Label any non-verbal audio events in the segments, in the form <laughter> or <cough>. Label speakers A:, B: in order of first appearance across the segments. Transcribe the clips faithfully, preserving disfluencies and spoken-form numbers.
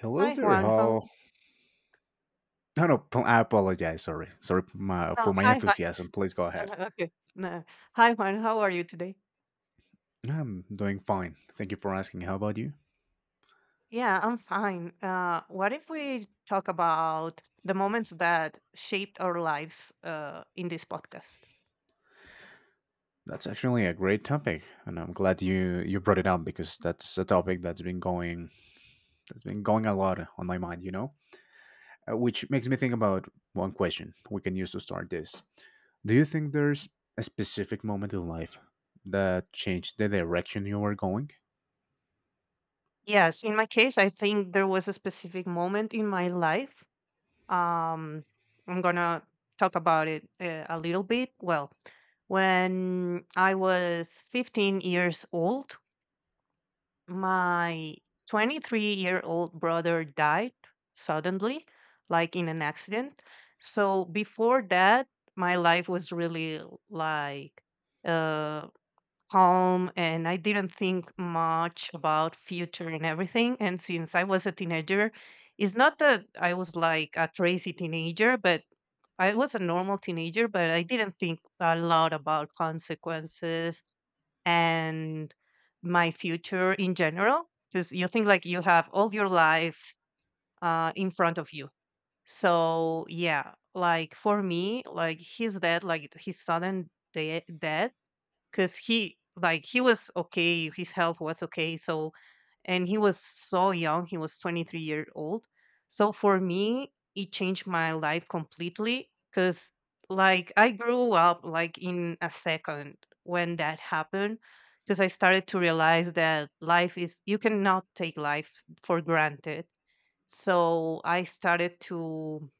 A: Hello
B: Hi
A: there,
B: Juan, how?
A: how? No, no, p- I apologize. Sorry, sorry for my, for
B: Oh,
A: my
B: hi, hi.
A: enthusiasm. Please go ahead.
B: Uh, okay, no. Hi Juan, how are you today?
A: I'm doing fine. Thank you for asking. How about you?
B: Yeah, I'm fine. Uh, what if we talk about the moments that shaped our lives uh, in this podcast?
A: That's actually a great topic, and I'm glad you you brought it up because that's a topic that's been going that's been going a lot on my mind. You know, Uh, which makes me think about one question we can use to start this. Do you think there's a specific moment in life that changed the direction you were going?
B: Yes, in my case, I think there was a specific moment in my life. Um, I'm gonna talk about it uh, a little bit. Well, when I was fifteen years old, my twenty-three-year-old brother died suddenly, like in an accident. So before that, my life was really like uh, calm, and I didn't think much about future and everything. And since I was a teenager, it's not that I was like a crazy teenager, but I was a normal teenager, but I didn't think a lot about consequences and my future in general, because you think like you have all your life uh, in front of you. So yeah, like for me, like his death, like his sudden de- death, because he, like he was okay, his health was okay, so, and he was so young, he was twenty-three year old. So for me, it changed my life completely, because like I grew up like in a second when that happened, because I started to realize that life is, you cannot take life for granted. So I started to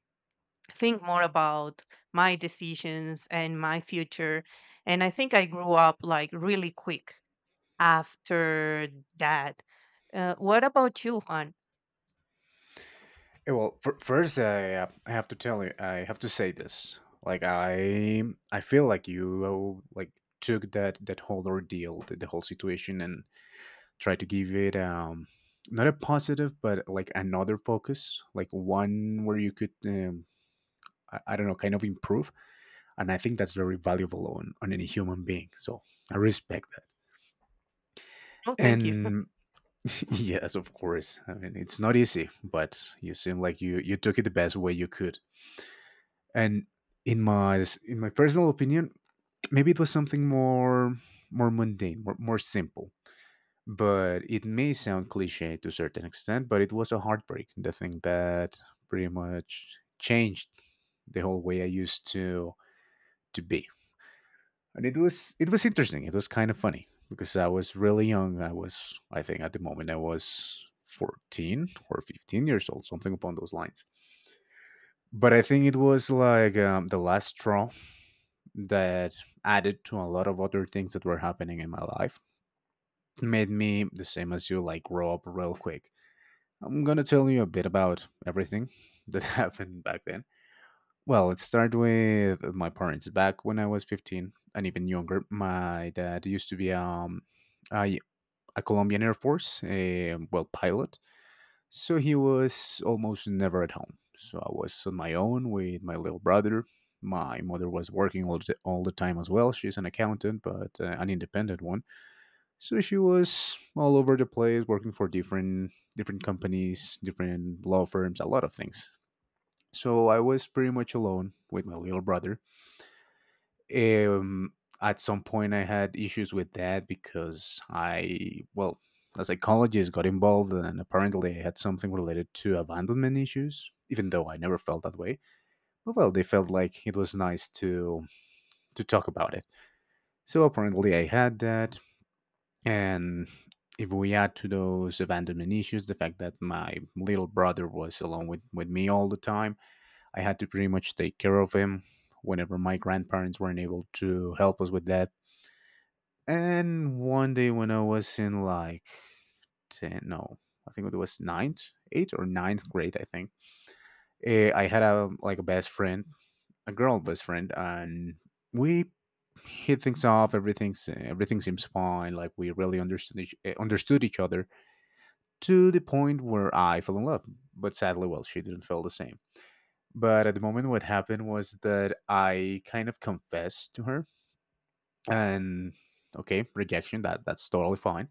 B: think more about my decisions and my future, and I think I grew up like really quick after that. Uh, what about you, Juan?
A: Eh, Well, fir- first I uh, I have to tell you I have to say this. Like I I feel like you like took that that whole ordeal, the, the whole situation, and tried to give it um not a positive, but like another focus, like one where you could, um, I, I don't know, kind of improve. And I think that's very valuable on on any human being. So I respect that.
B: No, thank you.
A: And <laughs> yes, of course. I mean, it's not easy, but you seem like you you took it the best way you could. And in my in my personal opinion, maybe it was something more more mundane, more, more simple. But it may sound cliche to a certain extent, but it was a heartbreak, the thing that pretty much changed the whole way I used to to be. And it was it was interesting. It was kind of funny because I was really young. i was I think at the moment I was fourteen or fifteen years old, something upon those lines. But I think it was like, um, the last straw that added to a lot of other things that were happening in my life, made me, the same as you, like grow up real quick. I'm going to tell you a bit about everything that <laughs> happened back then. Well, let's start with my parents. Back when I was fifteen and even younger, my dad used to be, um, a, a Colombian Air Force, a well, pilot. So he was almost never at home. So I was on my own with my little brother. My mother was working all the, all the time as well. She's an accountant, but, uh, an independent one. So she was all over the place, working for different different companies, different law firms, a lot of things. So I was pretty much alone with my little brother. um at some point I had issues with that, because, I well, a psychologist got involved, and apparently I had something related to abandonment issues, even though I never felt that way. But well, they felt like it was nice to to talk about it, so apparently I had that. And if we add to those abandonment issues the fact that my little brother was alone with, with me all the time, I had to pretty much take care of him whenever my grandparents weren't able to help us with that. And one day, when I was in like ten, no, I think it was ninth, eighth or ninth grade, I think. eh, I had a like a best friend, a girl best friend, and we hit things off. Everything's everything seems fine. Like we really understood each, eh, understood each other, to the point where I fell in love. But sadly, well, she didn't feel the same. But at the moment, what happened was that I kind of confessed to her, and, okay, rejection, that that's totally fine.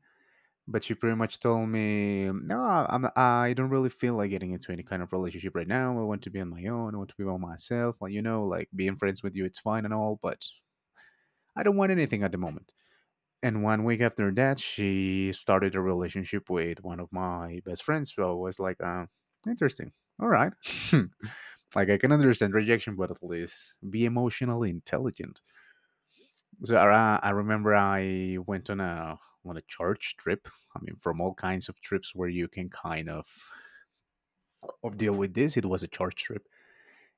A: But she pretty much told me, "No, I'm I don't really feel like getting into any kind of relationship right now. I want to be on my own. I want to be by myself. Like you know, like being friends with you, it's fine and all, but I don't want anything at the moment." And one week after that, she started a relationship with one of my best friends. So I was like, uh, "Interesting. All right." <laughs> Like I can understand rejection, but at least be emotionally intelligent. So I, I remember I went on a on a church trip. I mean, from all kinds of trips where you can kind of of deal with this, it was a church trip.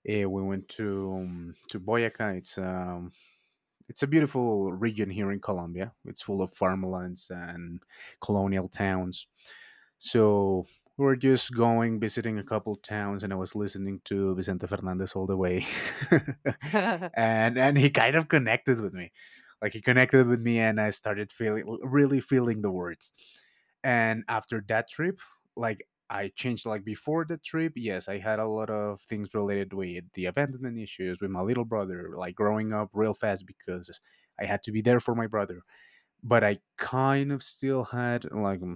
A: Eh, we went to, um, to Boyaca. It's um, it's a beautiful region here in Colombia. It's full of farmlands and colonial towns. So we were just going, visiting a couple towns, and I was listening to Vicente Fernandez all the way. <laughs>
B: <laughs>
A: and and he kind of connected with me. Like he connected with me, and I started feeling really feeling the words. And after that trip, like, I changed. Like, before the trip, yes, I had a lot of things related with the abandonment issues with my little brother, like growing up real fast, because I had to be there for my brother. But I kind of still had, like, mm,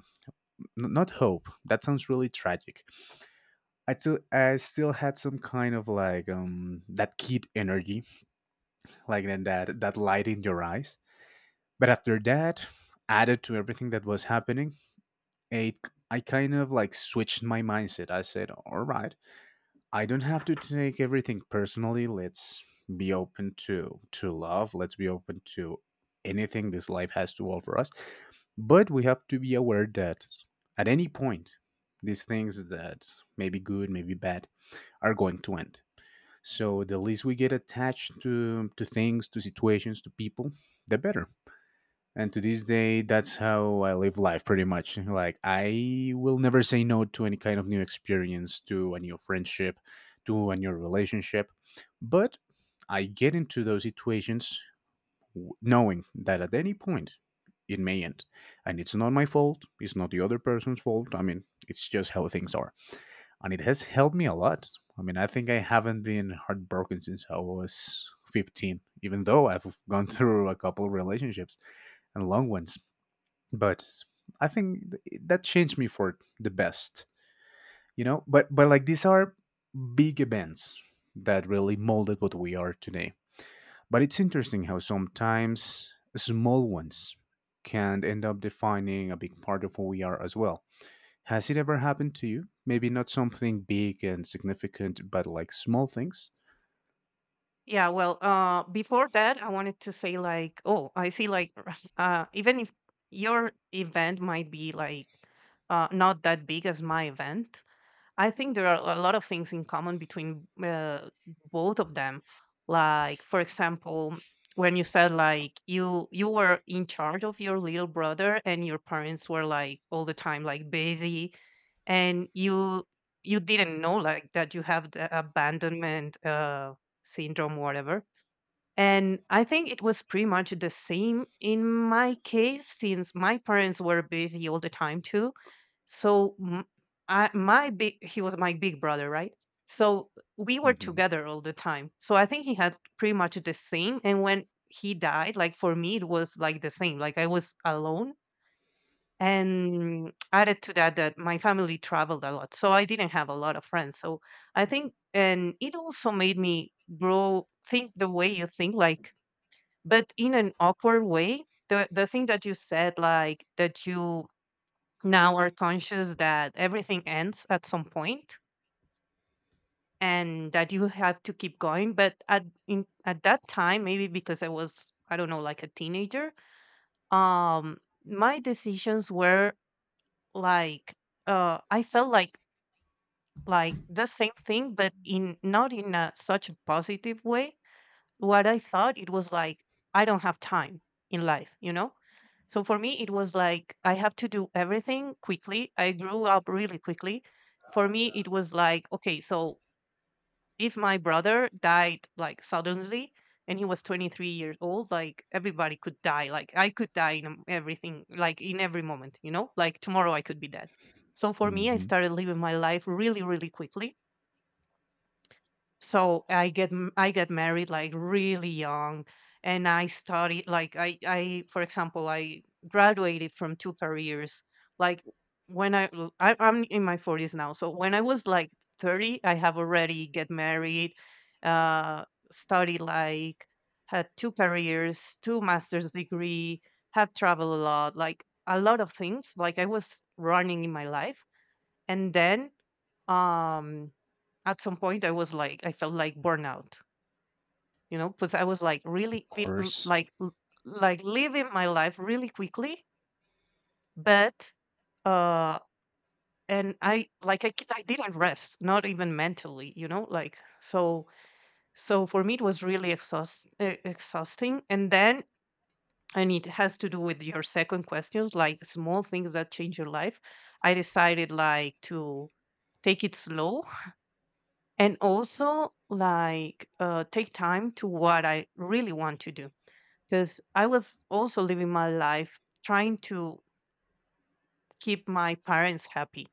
A: n- not hope. That sounds really tragic. I still I still had some kind of like, um that kid energy, like, and that that light in your eyes. But after that, added to everything that was happening, it I kind of like switched my mindset. I said, "All right, I don't have to take everything personally. Let's be open to to love. Let's be open to anything this life has to offer us. But we have to be aware that at any point, these things that may be good, may be bad, are going to end. So the least we get attached to to things, to situations, to people, the better. And to this day, that's how I live life pretty much. Like, I will never say no to any kind of new experience, to a new friendship, to a new relationship. But I get into those situations, w- knowing that at any point it may end. And it's not my fault, it's not the other person's fault. I mean, it's just how things are. And it has helped me a lot. I mean, I think I haven't been heartbroken since I was fifteen, even though I've gone <laughs> through a couple of relationships, and long ones. But I think th- that changed me for the best, you know. But but like, these are big events that really molded what we are today. But it's interesting how sometimes small ones can end up defining a big part of who we are as well. Has it ever happened to you? Maybe not something big and significant, but like small things.
B: Yeah, well, uh, before that, I wanted to say like, oh, I see like, <laughs> uh, even if your event might be like, uh, not that big as my event, I think there are a lot of things in common between uh, both of them. Like, for example, when you said like you you were in charge of your little brother and your parents were like all the time like busy, and you you didn't know like that you have the abandonment uh, syndrome, whatever. And I think it was pretty much the same in my case, since my parents were busy all the time too. so m- I, my big he was my big brother, right? So we were
A: Hmm.
B: together all the time. So I think he had pretty much the same. And when he died, like for me, it was like the same. Like I was alone. And added to that, that my family traveled a lot, so I didn't have a lot of friends. So I think, and it also made me grow, think the way you think, like, but in an awkward way. The the thing that you said, like that you now are conscious that everything ends at some point, and that you have to keep going, but at in at that time, maybe because I was, I don't know, like a teenager. um my decisions were like, uh I felt like like the same thing, but in not in a, such a positive way. What I thought it was like, I don't have time in life, you know? So for me, it was like I have to do everything quickly. I grew up really quickly. For me, it was like, okay, so if my brother died like suddenly and he was twenty-three years old, like everybody could die. Like I could die in um, everything, like in every moment, you know, like tomorrow I could be dead. So for me, I
A: Hmm.
B: started living my life really, really quickly. So I get m- I get married like really young, and I studied like I I for example I graduated from two careers. Like when I, l- I am in my forties now, so when I was like thirty, I have already get married, uh, studied like had two careers, two master's degree, have traveled a lot, like a lot of things. Like I was running in my life, and then um at some point I was like I felt like burnout, you know, because I was like really
A: Of
B: feel l-
A: course.
B: like l- like living my life really quickly, but uh and I like I, c- I didn't rest not even mentally, you know, like so. So for me it was really exhaust, e- exhausting. And then, and it has to do with your second questions, like small things that change your life, I decided like to take it slow, and also like uh, take time to what I really want to do, because I was also living my life trying to keep my parents happy,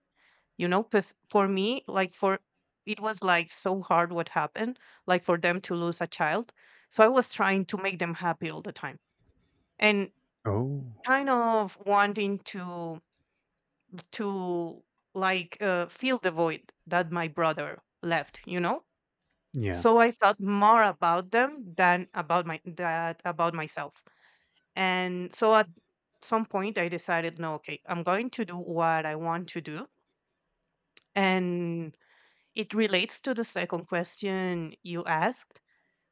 B: you know, because for me like for it was like so hard what happened, like for them to lose a child. So I was trying to make them happy all the time, and
A: Oh,
B: kind of wanting to to like uh, fill the void that my brother left, you know.
A: yeah.
B: So I thought more about them than about my that about myself. And so at some point I decided, no, okay, I'm going to do what I want to do. And it relates to the second question you asked,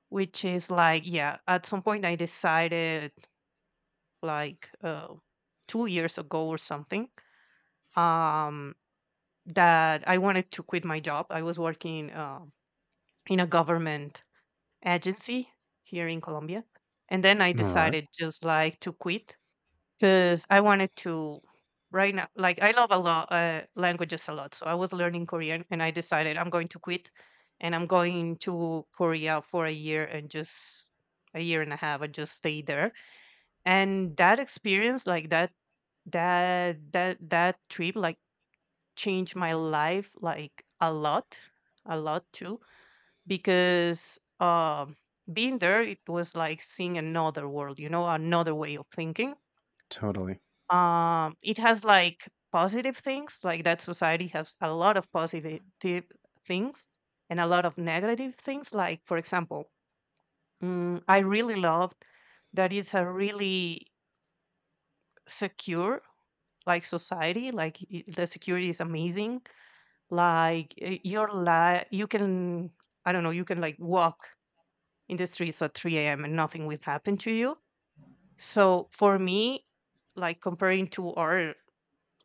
B: which is like, yeah, at some point I decided like uh, two years ago or something, um, that I wanted to quit my job. I was working uh, in a government agency here in Colombia. And then I
A: All right.
B: decided just like to quit, because I wanted to right now like I love a lot uh, languages a lot. So I was learning Korean and I decided I'm going to quit and I'm going to Korea for a year and just a year and a half and just stay there. And that experience, like that that that that trip like changed my life like a lot, a lot too, because um, being there, it was like seeing another world, you know, another way of thinking.
A: Totally.
B: Um, it has like positive things, like that society has a lot of positive things and a lot of negative things. Like, for example, mm, I really loved that it's a really secure like society, like i- the security is amazing, like uh, your life, you can, I don't know, you can like walk in the streets at three a m and nothing will happen to you. So for me, like comparing to our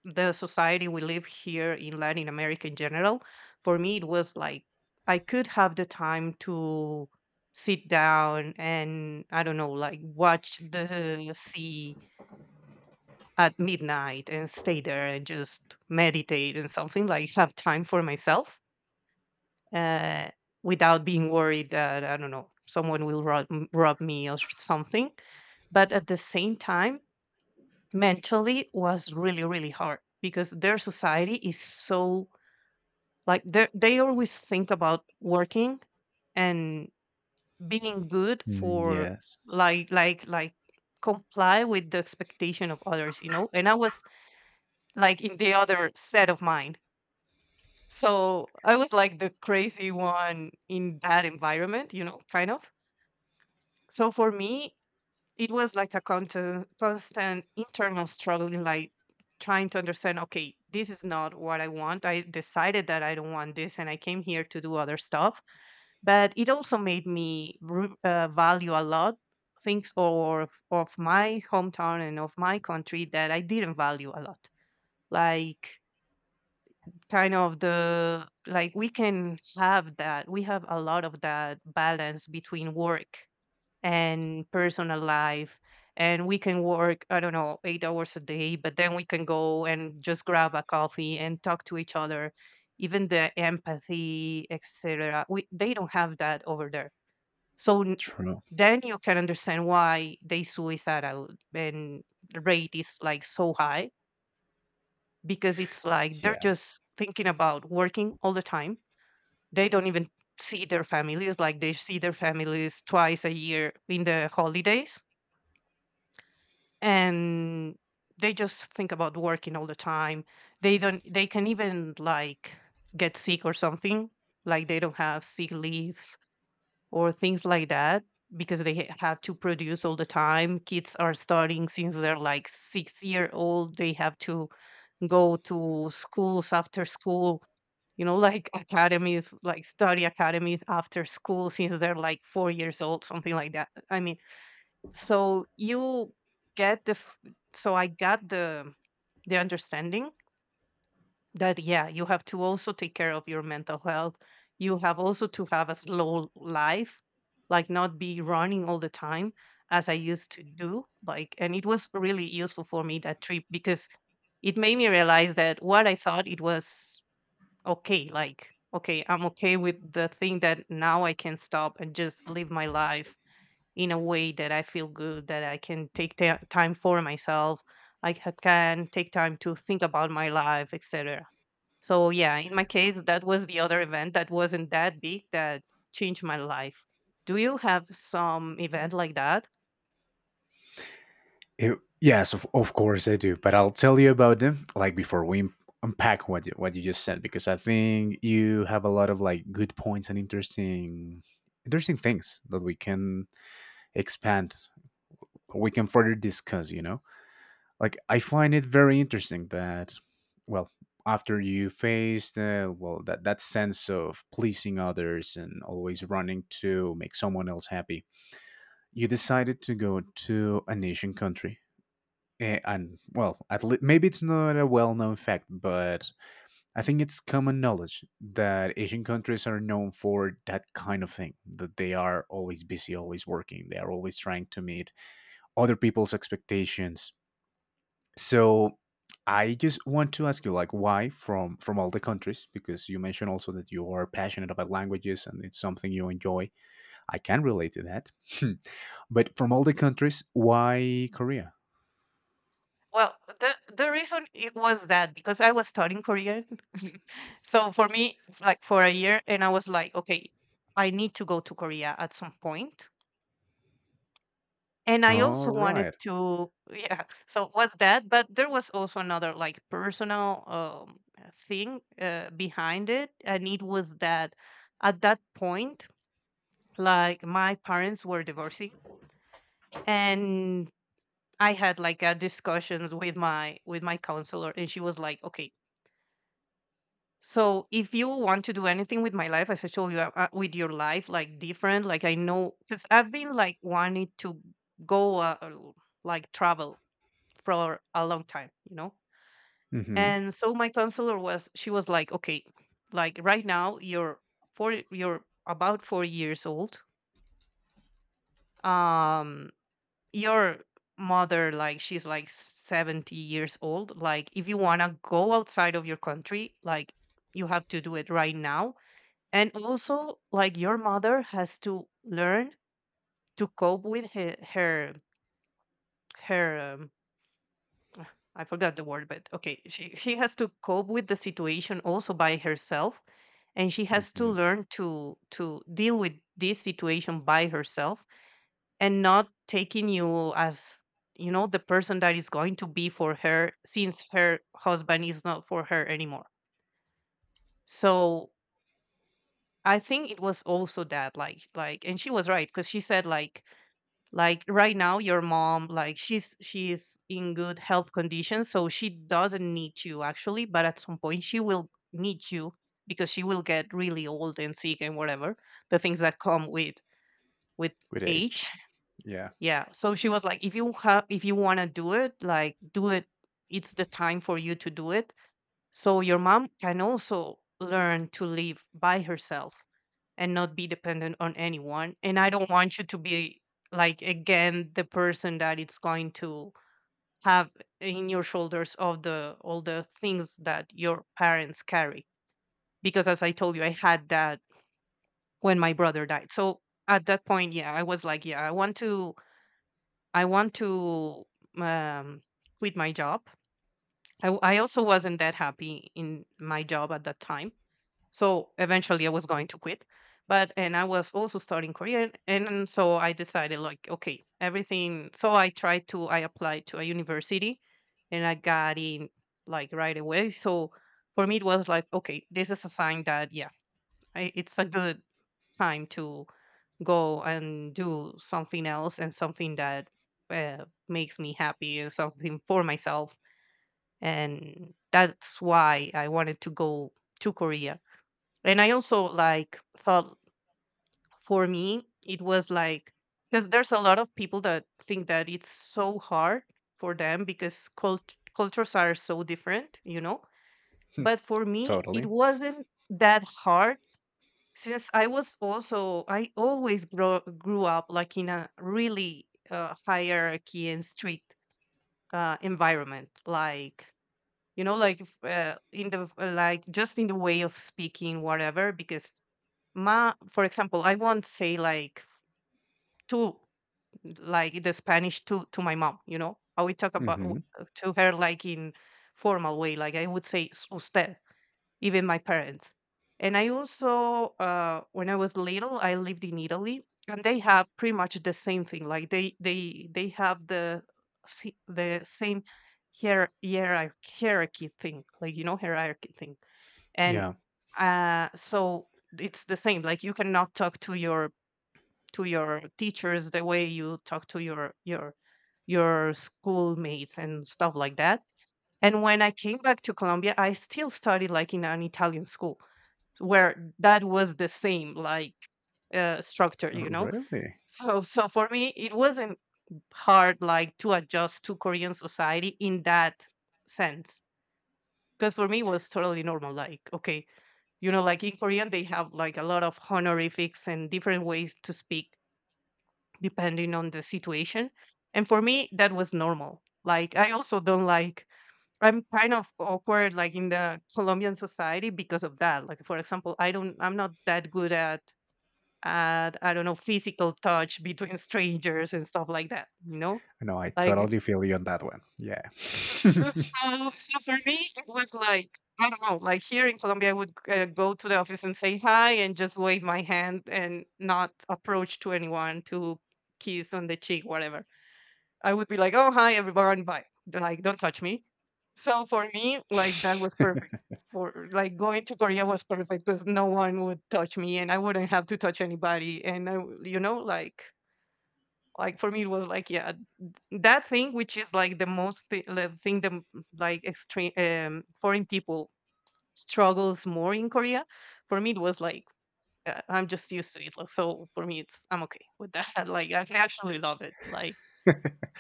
B: the society we live here in Latin America in general, for me it was like I could have the time to sit down and I don't know, like watch the sea at midnight and stay there and just meditate and something, like have time for myself, uh, without being worried that I don't know someone will rob, rob me or something. But at the same time, mentally was really really hard because their society is so like they they always think about working and being good
A: Mm,
B: for,
A: yes.
B: like like like comply with the expectation of others, you know, and I was like in the other set of mind. So I was like the crazy one in that environment, you know, kind of. So for me it was like a constant, constant internal struggle, like trying to understand, okay, this is not what I want, I decided that I don't want this and I came here to do other stuff, but it also made me re- uh, value a lot things or of, of my hometown and of my country that I didn't value a lot, like kind of the like we can have that, we have a lot of that balance between work and personal life, and we can work, I don't know, eight hours a day, but then we can go and just grab a coffee and talk to each other, even the empathy etc, we, they don't have that over there. so n-
A: True.
B: then you can understand why they suicidal and the rate is like so high, because it's like they're just thinking about working all the time, they don't even see their families, like they see their families twice a year in the holidays, and they just think about working all the time. They don't, they can even like get sick or something, like they don't have sick leaves or things like that, because they ha- have to produce all the time. Kids are starting since they're like six year old, they have to go to schools after school, you know, like <laughs> academies, like study academies after school since they're like four years old, something like that. I mean, so you get the f- so I got the the understanding that yeah, you have to also take care of your mental health. You have also to have a slow life, like not be running all the time as I used to do. Like and it was really useful for me that trip because it made me realize that what I thought it was okay, like okay, I'm okay with the thing that now I can stop and just live my life in a way that I feel good, that I can take ta time for myself, I ca- can take time to think about my life, et cetera. So yeah, in my case, that was the other event that wasn't that big that changed my life. Do you have some event like that?
A: It, yes, of, of course I do. But I'll tell you about them, like, before we un- unpack what you- what you just said, because I think you have a lot of like good points, and interesting interesting things that we can expand, we can further discuss, you know? Like, I find it very interesting that, well, after you faced, uh, well, that that sense of pleasing others and always running to make someone else happy, you decided to go to a Asian country. Eh, and well, at le- maybe it's not a well-known fact, but I think it's common knowledge that Asian countries are known for that kind of thing. That they are always busy, always working. They are always trying to meet other people's expectations. So I just want to ask you, like, why, from from all the countries? Because you mentioned also that you are passionate about languages, and it's something you enjoy. I can relate to that. <laughs> But from all the countries, why Korea?
B: Well, the the reason it was that because I was studying Korean, <laughs> so for me, f- like for a year, and I was like, okay, I need to go to Korea at some point. And I
A: All
B: also wanted
A: right.
B: to, yeah. So was that, but there was also another like personal um, thing uh, behind it, and it was that at that point, like my parents were divorcing, and I had like a discussions with my with my counselor, and she was like, "Okay, so if you want to do anything with my life, as I told you, uh, uh, with your life, like different, like I know, because I've been like wanting to go uh, uh, like travel for a long time, you know?"
A: Mm-hmm.
B: And so my counselor was, she was like, okay, like right now you're four, you're about four years old. Um, your mother, like she's like seventy years old. Like if you want to go outside of your country, like you have to do it right now. And also like your mother has to learn to cope with her, her, her um, I forgot the word, but okay, she she has to cope with the situation also by herself, and she has to
A: Mm-hmm.
B: learn to to deal with this situation by herself and not taking you as, you know, the person that is going to be for her since her husband is not for her anymore. So I think it was also that like like and she was right because she said like like right now your mom, like, she's she's in good health condition, so she doesn't need you actually, but at some point she will need you because she will get really old and sick and whatever the things that come with with
A: With
B: age.
A: age. Yeah,
B: Yeah, so she was like, if you have if you want to do it, like do it. It's the time for you to do it so your mom can also learn to live by herself and not be dependent on anyone. And I don't want you to be like again the person that it's going to have in your shoulders of the all the things that your parents carry. Because as I told you, I had that when my brother died. So at that point, yeah, I was like, yeah, I want to, I want to um, quit my job. I, w- I also wasn't that happy in my job at that time. So eventually I was going to quit. But and I was also studying Korean, and so I decided like okay, everything, so I tried to I applied to a university and I got in like right away. So for me it was like okay, this is a sign that yeah, I, it's a good time to go and do something else and something that uh, makes me happy and something for myself, and that's why I wanted to go to Korea. And I also like thought, for me it was like because there's a lot of people that think that it's so hard for them because cult- cultures are so different, you know, but for me it
A: totally.
B: wasn't that hard since I was also I always grow, grew up like in a really uh, hierarchy and strict uh, environment, like in in the the like just in the way of speaking, whatever, because ma for example I won't say like to like the Spanish to to my mom, you know? I would talk about w-
A: Hmm.
B: to her like in formal way, like I would say, "S- usted even my parents. And I also uh when I was little I lived in Italy, and they have pretty much the same thing, like they they they have the si- the same hier- hierarch- hierarchy thing, like, you know, hierarchy thing. And
A: Yeah,
B: uh so it's the same, like you cannot talk to your to your teachers, the way you talk to your your your schoolmates and stuff like that. And when I came back to Colombia, I still studied like in an Italian school where that was the same, like uh, structure,
A: oh,
B: you know.
A: really.
B: So so for me, it wasn't hard like to adjust to Korean society in that sense because for me it was totally normal. Like okay, you know, like in Korean they have like a lot of honorifics and different ways to speak depending on the situation. And for me, that was normal. Like, I also don't like, I'm kind of awkward, like in the Colombian society because of that. Like, for example, I don't, I'm not that good at, at, I don't know, physical touch between <laughs> strangers and stuff like that, you know?
A: No, I
B: Like,
A: totally feel you on that one. Yeah. <laughs> So
B: so, so for me, it was like, I don't know, like here in Colombia, I would uh, go to the office and say hi and just wave my hand and not approach to anyone to kiss on the cheek, whatever. I would be like, "Oh, hi, everyone, bye." Like, don't touch me. So for me, like that was perfect. For like going to Korea was perfect because no one would touch me, and I wouldn't have to touch anybody. And I, w- you know, like, like for me, it was like, yeah, that thing which is like the most thi- the thing the m- like extreme um, foreign people struggles more in Korea. For me, it was like. uh, I'm just used to it, like, so for me, it's I'm okay with that. <laughs> Like I actually love it. Like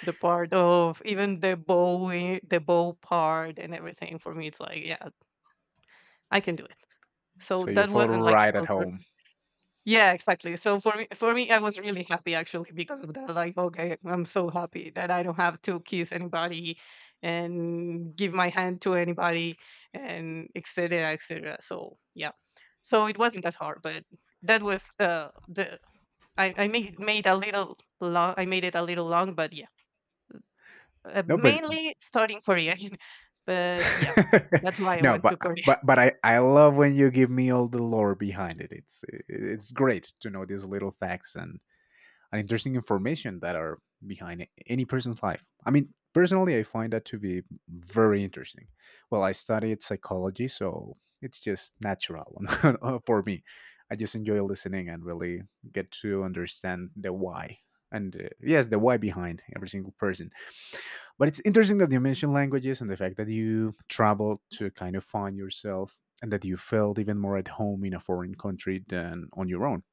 B: the part of even the bowing the bow part and everything, for me, it's like, "Yeah, I can do it." So
A: you
B: that
A: feel
B: wasn't like a
A: right at
B: culture.
A: home.
B: Yeah, exactly. So for me for me, I was really happy actually because of that. Like, okay, I'm so happy that I don't have to kiss anybody and give my hand to anybody and et cetera, et cetera. So, yeah. So it wasn't that hard, but that was, uh, the I I made made a little long I made it a little long, but yeah. Uh,
A: No, but
B: mainly studying Korean, <laughs> but yeah, that's
A: <laughs>
B: why I
A: no,
B: went
A: but
B: to Korea.
A: but
B: <laughs>
A: but I I love when you give me all the lore behind it. It's it's great to know these little facts, and and interesting information that are behind any person's life. I mean, personally, I find that to be very interesting. Well, I studied psychology, so it's just natural <laughs> for me. I just enjoy listening and really get to understand the why. And, uh, yes, the why behind every single person. But it's interesting that you mentioned languages and the fact that you traveled to kind of find yourself, and that you felt even more at home in a foreign country than on your own.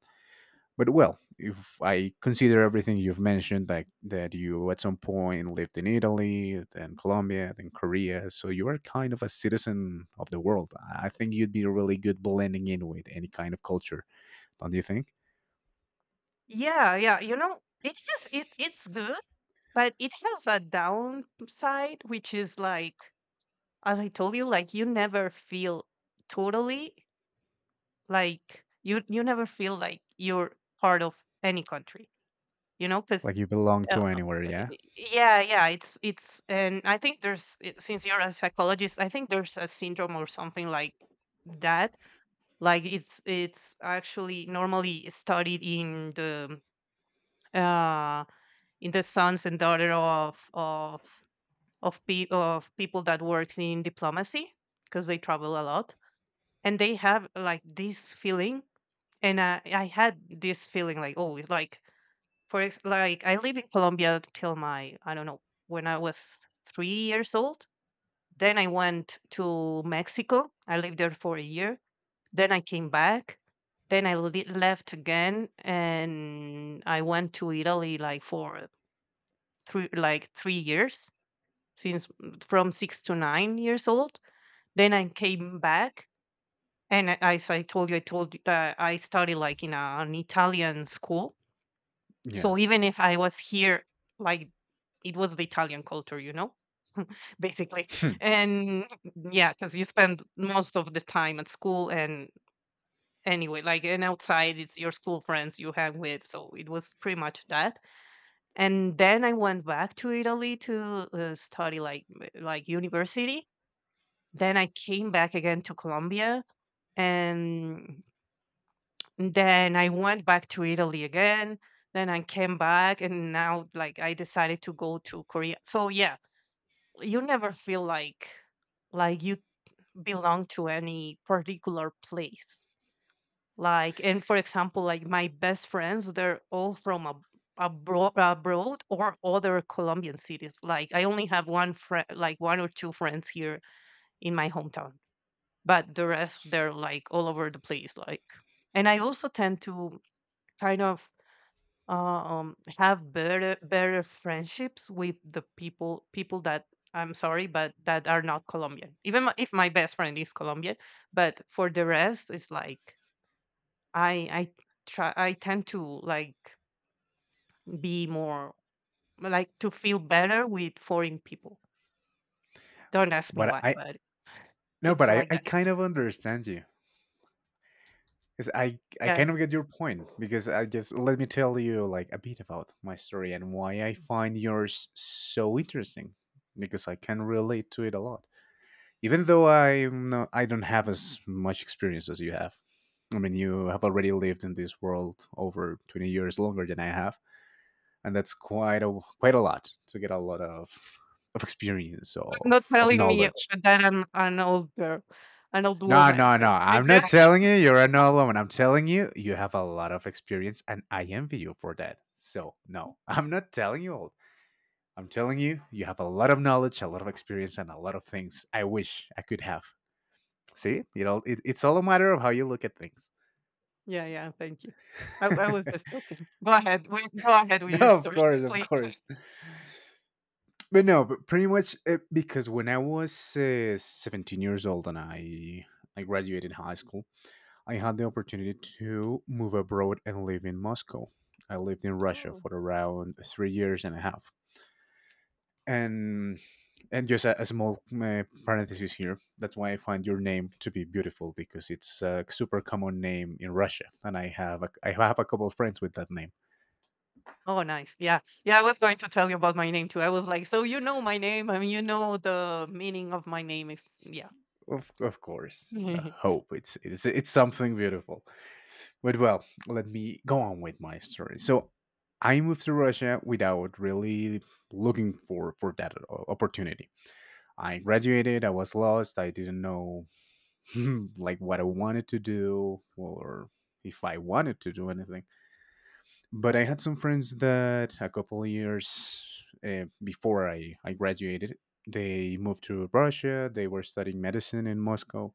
A: But well, if I consider everything you've mentioned, like that you at some point lived in Italy, then Colombia, then Korea, so you are kind of a citizen of the world. I think you'd be really good blending in with any kind of culture, don't you think?
B: Yeah, yeah, you know, it has it it's good, but it has a downside, which is like, as I told you, like you never feel totally, like you you never feel like you're part of any country, you know, because.
A: Like, you belong
B: Uh,
A: to anywhere, yeah.
B: y- yeah yeah it's it's and I think there's i- since you're a psychologist I think there's a syndrome or something like that, like it's it's actually normally studied in the uh in the sons and daughter of of of, pe- of people that works in diplomacy because they travel a lot and they have like this feeling, and I, I had this feeling like oh it's like for ex- like I live in Colombia till my I don't know when I was three years old. Then I went to Mexico. I lived there for a year. Then I came back. Then I le- left again, and I went to Italy like for three, like three years, since mm, from six to nine years old. Then I came back, and a- as I told you, I told you that I studied like in a, an Italian school. So
A: Yes.
B: even if I was here, like it was the Italian culture, you know, <laughs> basically.
A: <laughs>
B: And yeah, because you spend most of the time at school and anyway, like, and outside it's your school friends you hang with, so it was pretty much that, and then I went back to Italy to uh, study like m- like university, then I came back again to Colombia, and then I went back to Italy again, then I came back, and now like I decided to go to Korea, so yeah, you never feel like, like you belong to any particular place. Like and for example like my best friends they're all from ab- abro- abroad or other Colombian cities, like I only have one friend, like one or two friends here in my hometown, but the rest they're like all over the place, like, and I also tend to kind of um have better better friendships with the people people that, I'm sorry, but that are not Colombian, even my- if my best friend is Colombian, but for the rest it's like I I try I tend to like be more, like to feel better with foreign people. Don't ask me
A: but
B: why,
A: I
B: but
A: no
B: it's
A: but I,
B: like
A: I
B: that.
A: kind of understand you. Because I I
B: Yeah,
A: kind of get your point. Because I just, let me tell you like a bit about my story and why I find yours so interesting, because I can relate to it a lot. Even though I'm not, I don't have as much experience as you have. I mean, you have already lived in this world over twenty years longer than I have, and that's quite a quite a lot to get a lot of of experience,
B: like, not
A: of of
B: telling me
A: knowledge.
B: that I'm an old girl, an old
A: No,
B: woman.
A: no, no.
B: But like,
A: I'm
B: yeah,
A: not telling you you're not alone. I'm telling you you have a lot of experience and I envy you for that. So, no, <laughs> I'm not telling you all. I'm telling you you have a lot of knowledge, a lot of experience, and a lot of things I wish I could have. See, you know, it, it's all a matter of how you look at things.
B: yeah, yeah. Thank you. I, I was just
A: <laughs>
B: joking. Go ahead. wi- Go ahead with
A: No,
B: your
A: of
B: story,
A: course,
B: <laughs>
A: of
B: please.
A: course. But no, but pretty much uh, because when I was uh, seventeen years old and I I graduated high school, I had the opportunity to move abroad and live in Moscow. I lived in Russia
B: Mm.
A: for around three years and a half. And and just a, a small uh, parenthesis here. That's why I find your name to be beautiful, because it's a super common name in Russia, and I have a, I have a couple of friends with that name.
B: Oh, nice. Yeah. Yeah, I was going to tell you about my name too. I was like, so you know my name. I mean, you know the meaning of my name is, yeah.
A: Of, of
B: <laughs>
A: course, the
B: No.
A: hope it's it's it's something beautiful. But well, let me go on with my story. So I moved to Russia without really looking for for that o- opportunity. I graduated, I was lost, I didn't know <laughs> like what I wanted to do, or if I wanted to do anything. But I had some friends that a couple of years uh, before I, I graduated, they moved to Russia. They were studying medicine in Moscow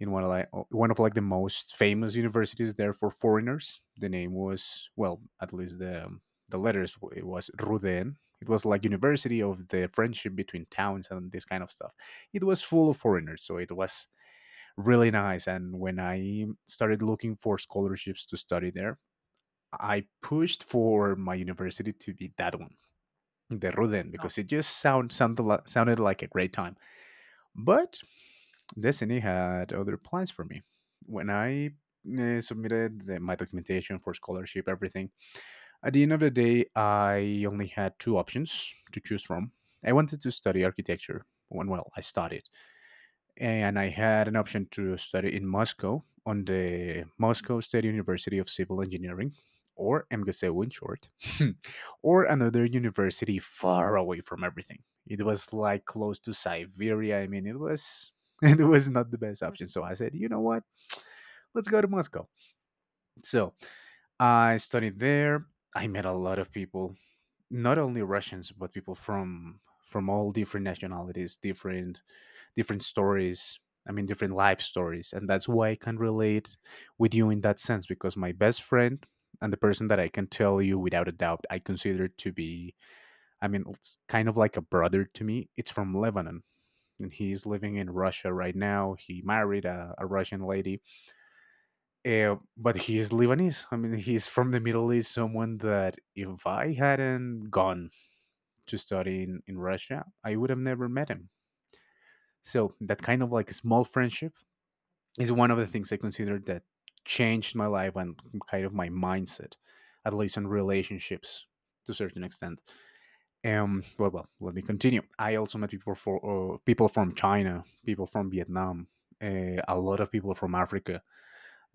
A: in one of like one of like the most famous universities there for foreigners. The name was, well, at least the um, the letters, it was Ruden. It was like University of the Friendship between towns and this kind of stuff. It was full of foreigners, so it was really nice. And when I started looking for scholarships to study there, I pushed for my university to be that one, the Ruden, because it just sound, sounded sounded like a great time. But Destiny had other plans for me. When I uh, submitted the, my documentation for scholarship, everything, at the end of the day, I only had two options to choose from. I wanted to study architecture. When, well, I studied, and I had an option to study in Moscow on the Moscow State University of Civil Engineering, or M G S E W in short, <laughs> or another university far away from everything. It was like close to Siberia. I mean, it was <laughs> it was not the best option. So I said, you know what? Let's go to Moscow. So I studied there. I met a lot of people, not only Russians but people from from all different nationalities, different different stories. I mean, different life stories, and that's why I can relate with you in that sense, because my best friend and the person that I can tell you without a doubt I consider to be, I mean, it's kind of like a brother to me. It's from Lebanon. And he's living in Russia right now. He married a, a Russian lady, uh, but he's Lebanese. I mean, he's from the Middle East. Someone that if I hadn't gone to study in, in Russia, I would have never met him. So that kind of like small friendship is one of the things I consider that changed my life and kind of my mindset, at least in relationships, to a certain extent. Um, well, well, let me continue. I also met people for uh, people from China, people from Vietnam, uh, a lot of people from Africa.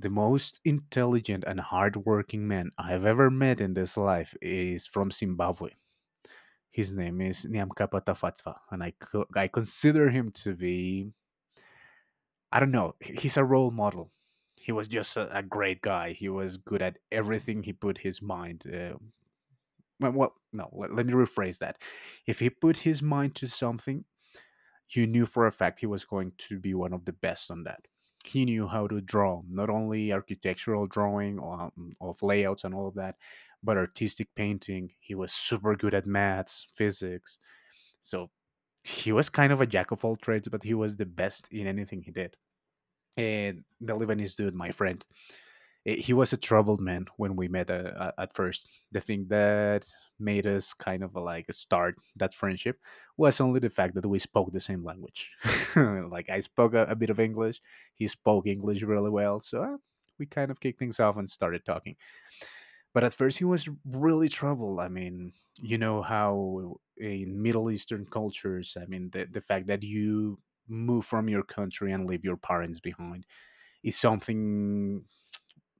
A: The most intelligent and hardworking man I've ever met in this life is from Zimbabwe. His name is Niamka Patafatva, and I co- I consider him to be, I don't know, he's a role model. He was just a, a great guy. He was good at everything he put his mind. Uh, well, well, no, let, let me rephrase that. If he put his mind to something, you knew for a fact he was going to be one of the best on that. He knew how to draw, not only architectural drawing um, of layouts and all of that, but artistic painting. He was super good at maths, physics. So he was kind of a jack of all trades, but he was the best in anything he did. And the Lebanese dude, my friend, eh, he was a troubled man when we met uh, uh, at first. The thing that made us kind of like start that friendship was only the fact that we spoke the same language. <laughs> Like I spoke a, a bit of English, he spoke English really well, so uh, we kind of kicked things off and started talking. But at first he was really troubled. I mean, you know how in middle eastern cultures, I mean, the, the fact that you move from your country and leave your parents behind is something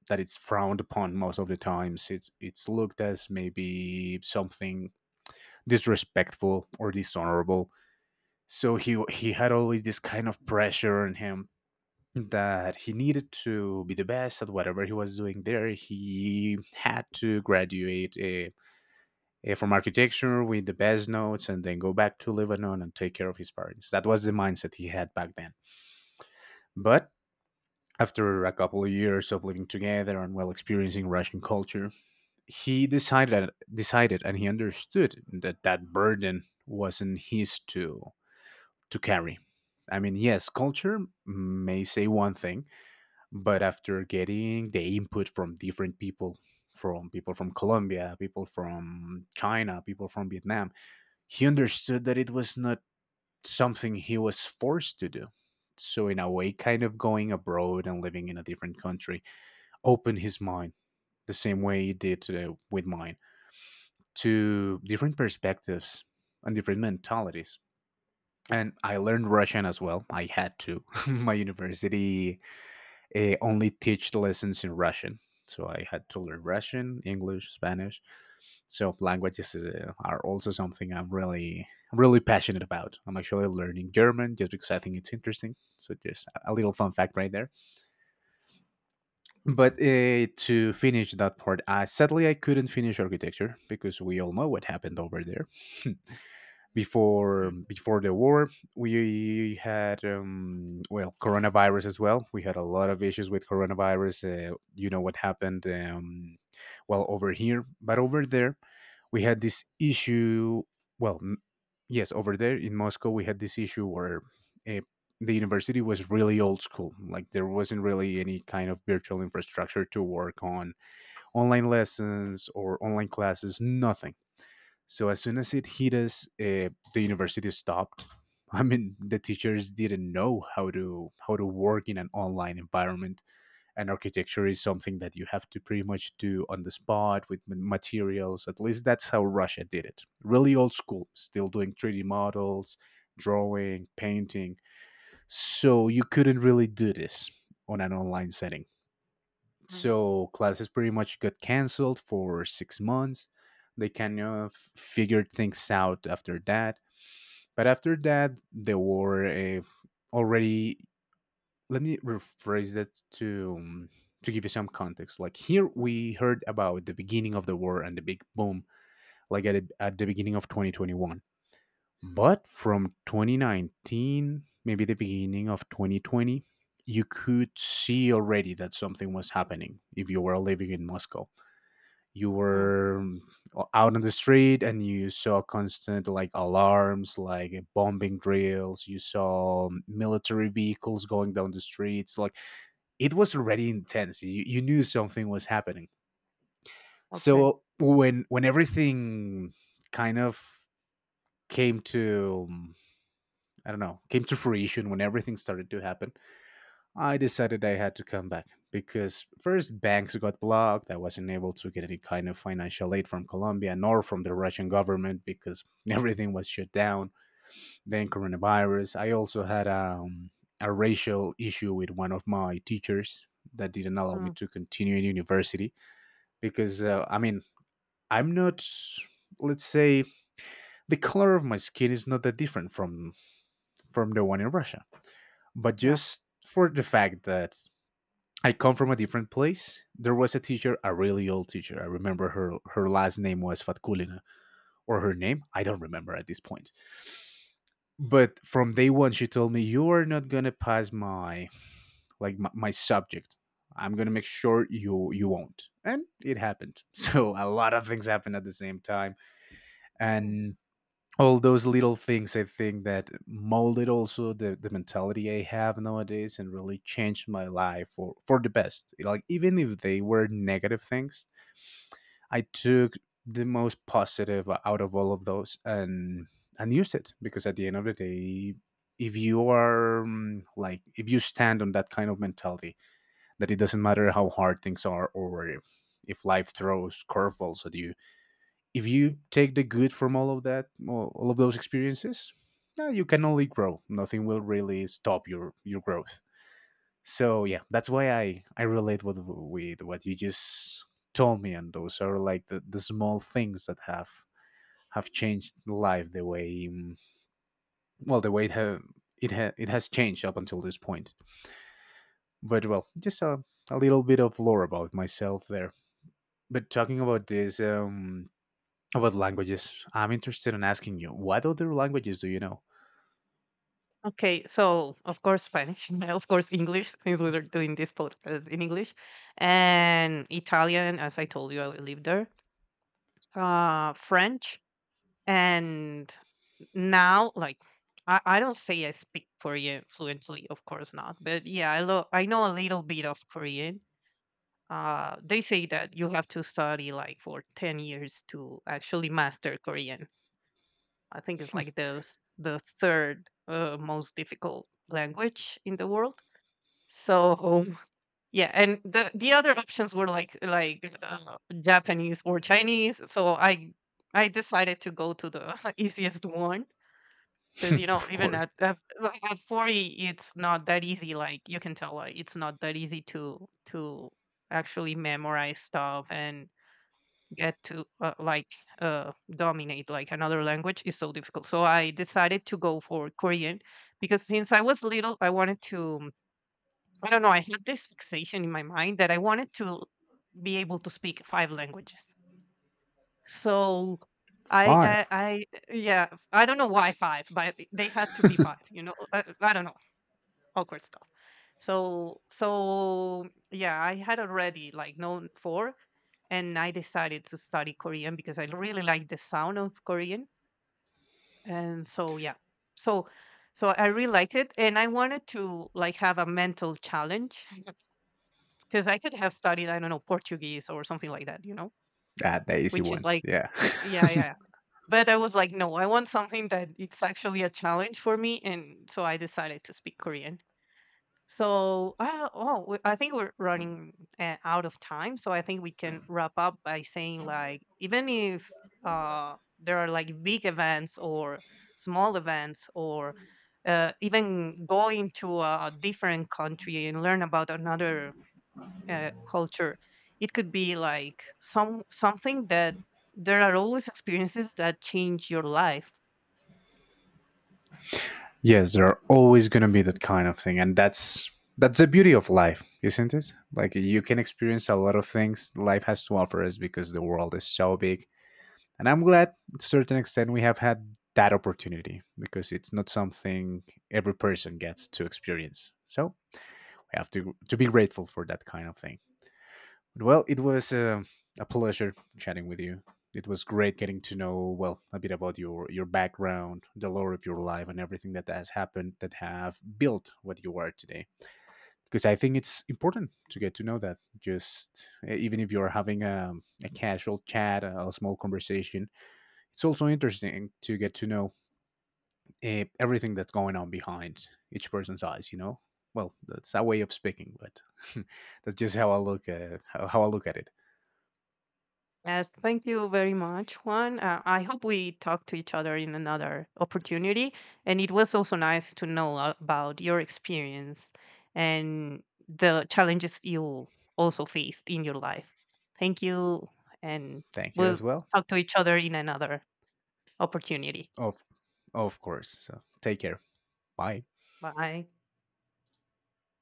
A: that it's frowned upon. Most of the times it's it's looked as maybe something disrespectful or dishonorable. So he he had always this kind of pressure on him, that he needed to be the best at whatever he was doing there. He had to graduate uh, uh, from architecture with the best notes and then go back to Lebanon and take care of his parents. That was the mindset he had back then. But after a couple of years of living together and well, experiencing Russian culture, he decided decided and he understood that that burden wasn't his to to carry. I mean, yes, culture may say one thing, but after getting the input from different people, from people from Colombia, people from China, people from Vietnam, he understood that it was not something he was forced to do. So, in a way, kind of going abroad and living in a different country opened his mind the same way he did uh, with mine, to different perspectives and different mentalities. And I learned Russian as well. I had to. <laughs> My university uh, only teach the lessons in Russian. So I had to learn Russian, English, Spanish. So languages is, uh, are also something I'm really, really passionate about. I'm actually learning German just because I think it's interesting. So just a little fun fact right there. But uh, to finish that part, uh, sadly I couldn't finish architecture because we all know what happened over there. <laughs> Before
B: Mm,
A: before the war we had um, well, coronavirus as well. We had a lot of issues with coronavirus. Uh, you know what happened um, well over here, but over there we had this issue, well n- yes, over there in Moscow we had this issue where uh, the university was really old school. Like there wasn't really any kind of virtual infrastructure to work on online lessons or online classes, nothing. So as soon as it hit us, uh, the university stopped. <laughs> I mean, the teachers didn't know how to how to work in an online environment, and architecture is something that you have to pretty much do on the spot with m- materials. At least that's how Russia did it. Really old school, still doing three D models, drawing, painting. So you couldn't really do this on an online setting,
B: mm,
A: so classes pretty much got canceled for six months. They kind of figured things out after that, but after that there were uh, already, let me rephrase that to um, to give you some context. Like here we heard about the beginning of the war and the big boom, like at, at the beginning of twenty twenty-one, but from twenty nineteen, maybe the beginning of twenty twenty, you could see already that something was happening. If you were living in Moscow, you
B: mm.
A: were uh, out on the street and you saw constant like alarms, like bombing drills, you saw military vehicles going down the streets. Like it was already intense. You, you knew something was happening.
B: Okay.
A: So when when everything kind of came to, I don't know, came to fruition, when everything started to happen, I decided I had to come back, because first banks got blocked. I wasn't able to get any kind of financial aid from Colombia nor from the Russian government, because <laughs> everything was shut down. Then coronavirus. I also had um, a racial issue with one of my teachers that didn't allow me
B: Mm,
A: to continue in university because uh, I mean, I'm not, let's say, the color of my skin is not that different from from the one in Russia, but
B: yeah.
A: just for the fact that I come from a different place. There was a teacher, a really old teacher. I remember her her last name was Fatkulina, or her name, I don't remember at this point. But from day one she told me, you are not going to pass my, like my, my subject. I'm going to make sure you you won't. And it happened. <laughs> So a lot of things happened at the same time,
B: Mm.
A: and all those little things, I think, that molded also the, the mentality I have nowadays and really changed my life for, for the best. Like even if they were negative things, I took the most positive out of all of those and and used it, because at the end of the day, if you are mm, like if you stand on that kind of mentality, that it doesn't matter how hard things are, or if life throws curveballs at you, if you take the good from all of that, all all of those experiences, uh, you can only grow. Nothing will really stop your your growth. So yeah, that's why I I relate with with what you just told me, and those are like the, the small things that have have changed life the way um, well the way it ha- it, ha- it has changed up until this point. But well, just a a little bit of lore about myself there. But talking about this, um, about languages, I'm interested in asking you, what other languages do you know? <laughs>
B: Okay. So, of course, Spanish, <laughs> of course, English, since we are doing this podcast in English, and Italian, as I told you, I lived there, uh, French, and now, like, I, I don't say I speak Korean fluently, of course not, but yeah, I, lo- I know a little bit of Korean. Uh, they say that you have to study like for ten years to actually master Korean. I think it's like the s- the third uh, most difficult language in the world. So yeah, and the the other options were like like uh, Japanese or Chinese. So I I decided to go to the <laughs> easiest one because you know,
A: Of
B: even
A: course.
B: at at at forty, it's not that easy. Like you can tell, like, it's not that easy to to actually memorize stuff and get to uh, like uh, dominate, like another language is so difficult, so I decided to go for Korean because since I was little I wanted to, I don't know, I had this fixation in my mind that I wanted to be able to speak five languages, so i i,
A: Five.
B: I yeah I don't know why five, but they had to be five, you know, i, I don't know, awkward stuff. So so yeah, I had already like known four, and I decided to study Korean because I really like the sound of Korean, and so yeah, so so I really liked it, and I wanted to like have a mental challenge <laughs> because I could have studied, I don't know, Portuguese or something like that, you know,
A: Ah, the easy
B: which is
A: ones.
B: like
A: Yeah.
B: yeah yeah. Yeah. But I was like, no, I want something that it's actually a challenge for me, and so I decided to speak Korean. So, uh, oh, we- I think we're running uh, out of time. So I think we can wrap up by saying like, even if uh, there are like big events or small events or uh, even going to a different country and learn about another uh, culture, it could be like some something that there are always experiences that change your life.
A: <laughs> Yes, there are always gonna be that kind of thing, and that's that's the beauty of life, isn't it? Like you can experience a lot of things life has to offer us, because the world is so big. And I'm glad, to a certain extent, we have had that opportunity, because it's not something every person gets to experience. So I have to to be grateful for that kind of thing. Well, it was uh, a pleasure chatting with you. It was great getting to know, well, a bit about your your background, the lore of your life, and everything that has happened that have built what you are today. Because I think it's important to get to know that. Just e, even if you're having a, a casual chat, a a small conversation, it's also interesting to get to know eh, everything that's going on behind each person's eyes, you know. Well, that's our way of speaking, but <laughs> that's just how I look at how, how I look at it.
B: Yes, thank you very much, Juan. Uh, I hope we talk to each other in another opportunity. And it was also nice to know a- about your experience and the challenges you also faced in your life. Thank you. And
A: Thank you as
B: we'll
A: well.
B: talk to each other in another opportunity.
A: Of of course. So take care. Bye.
B: Bye.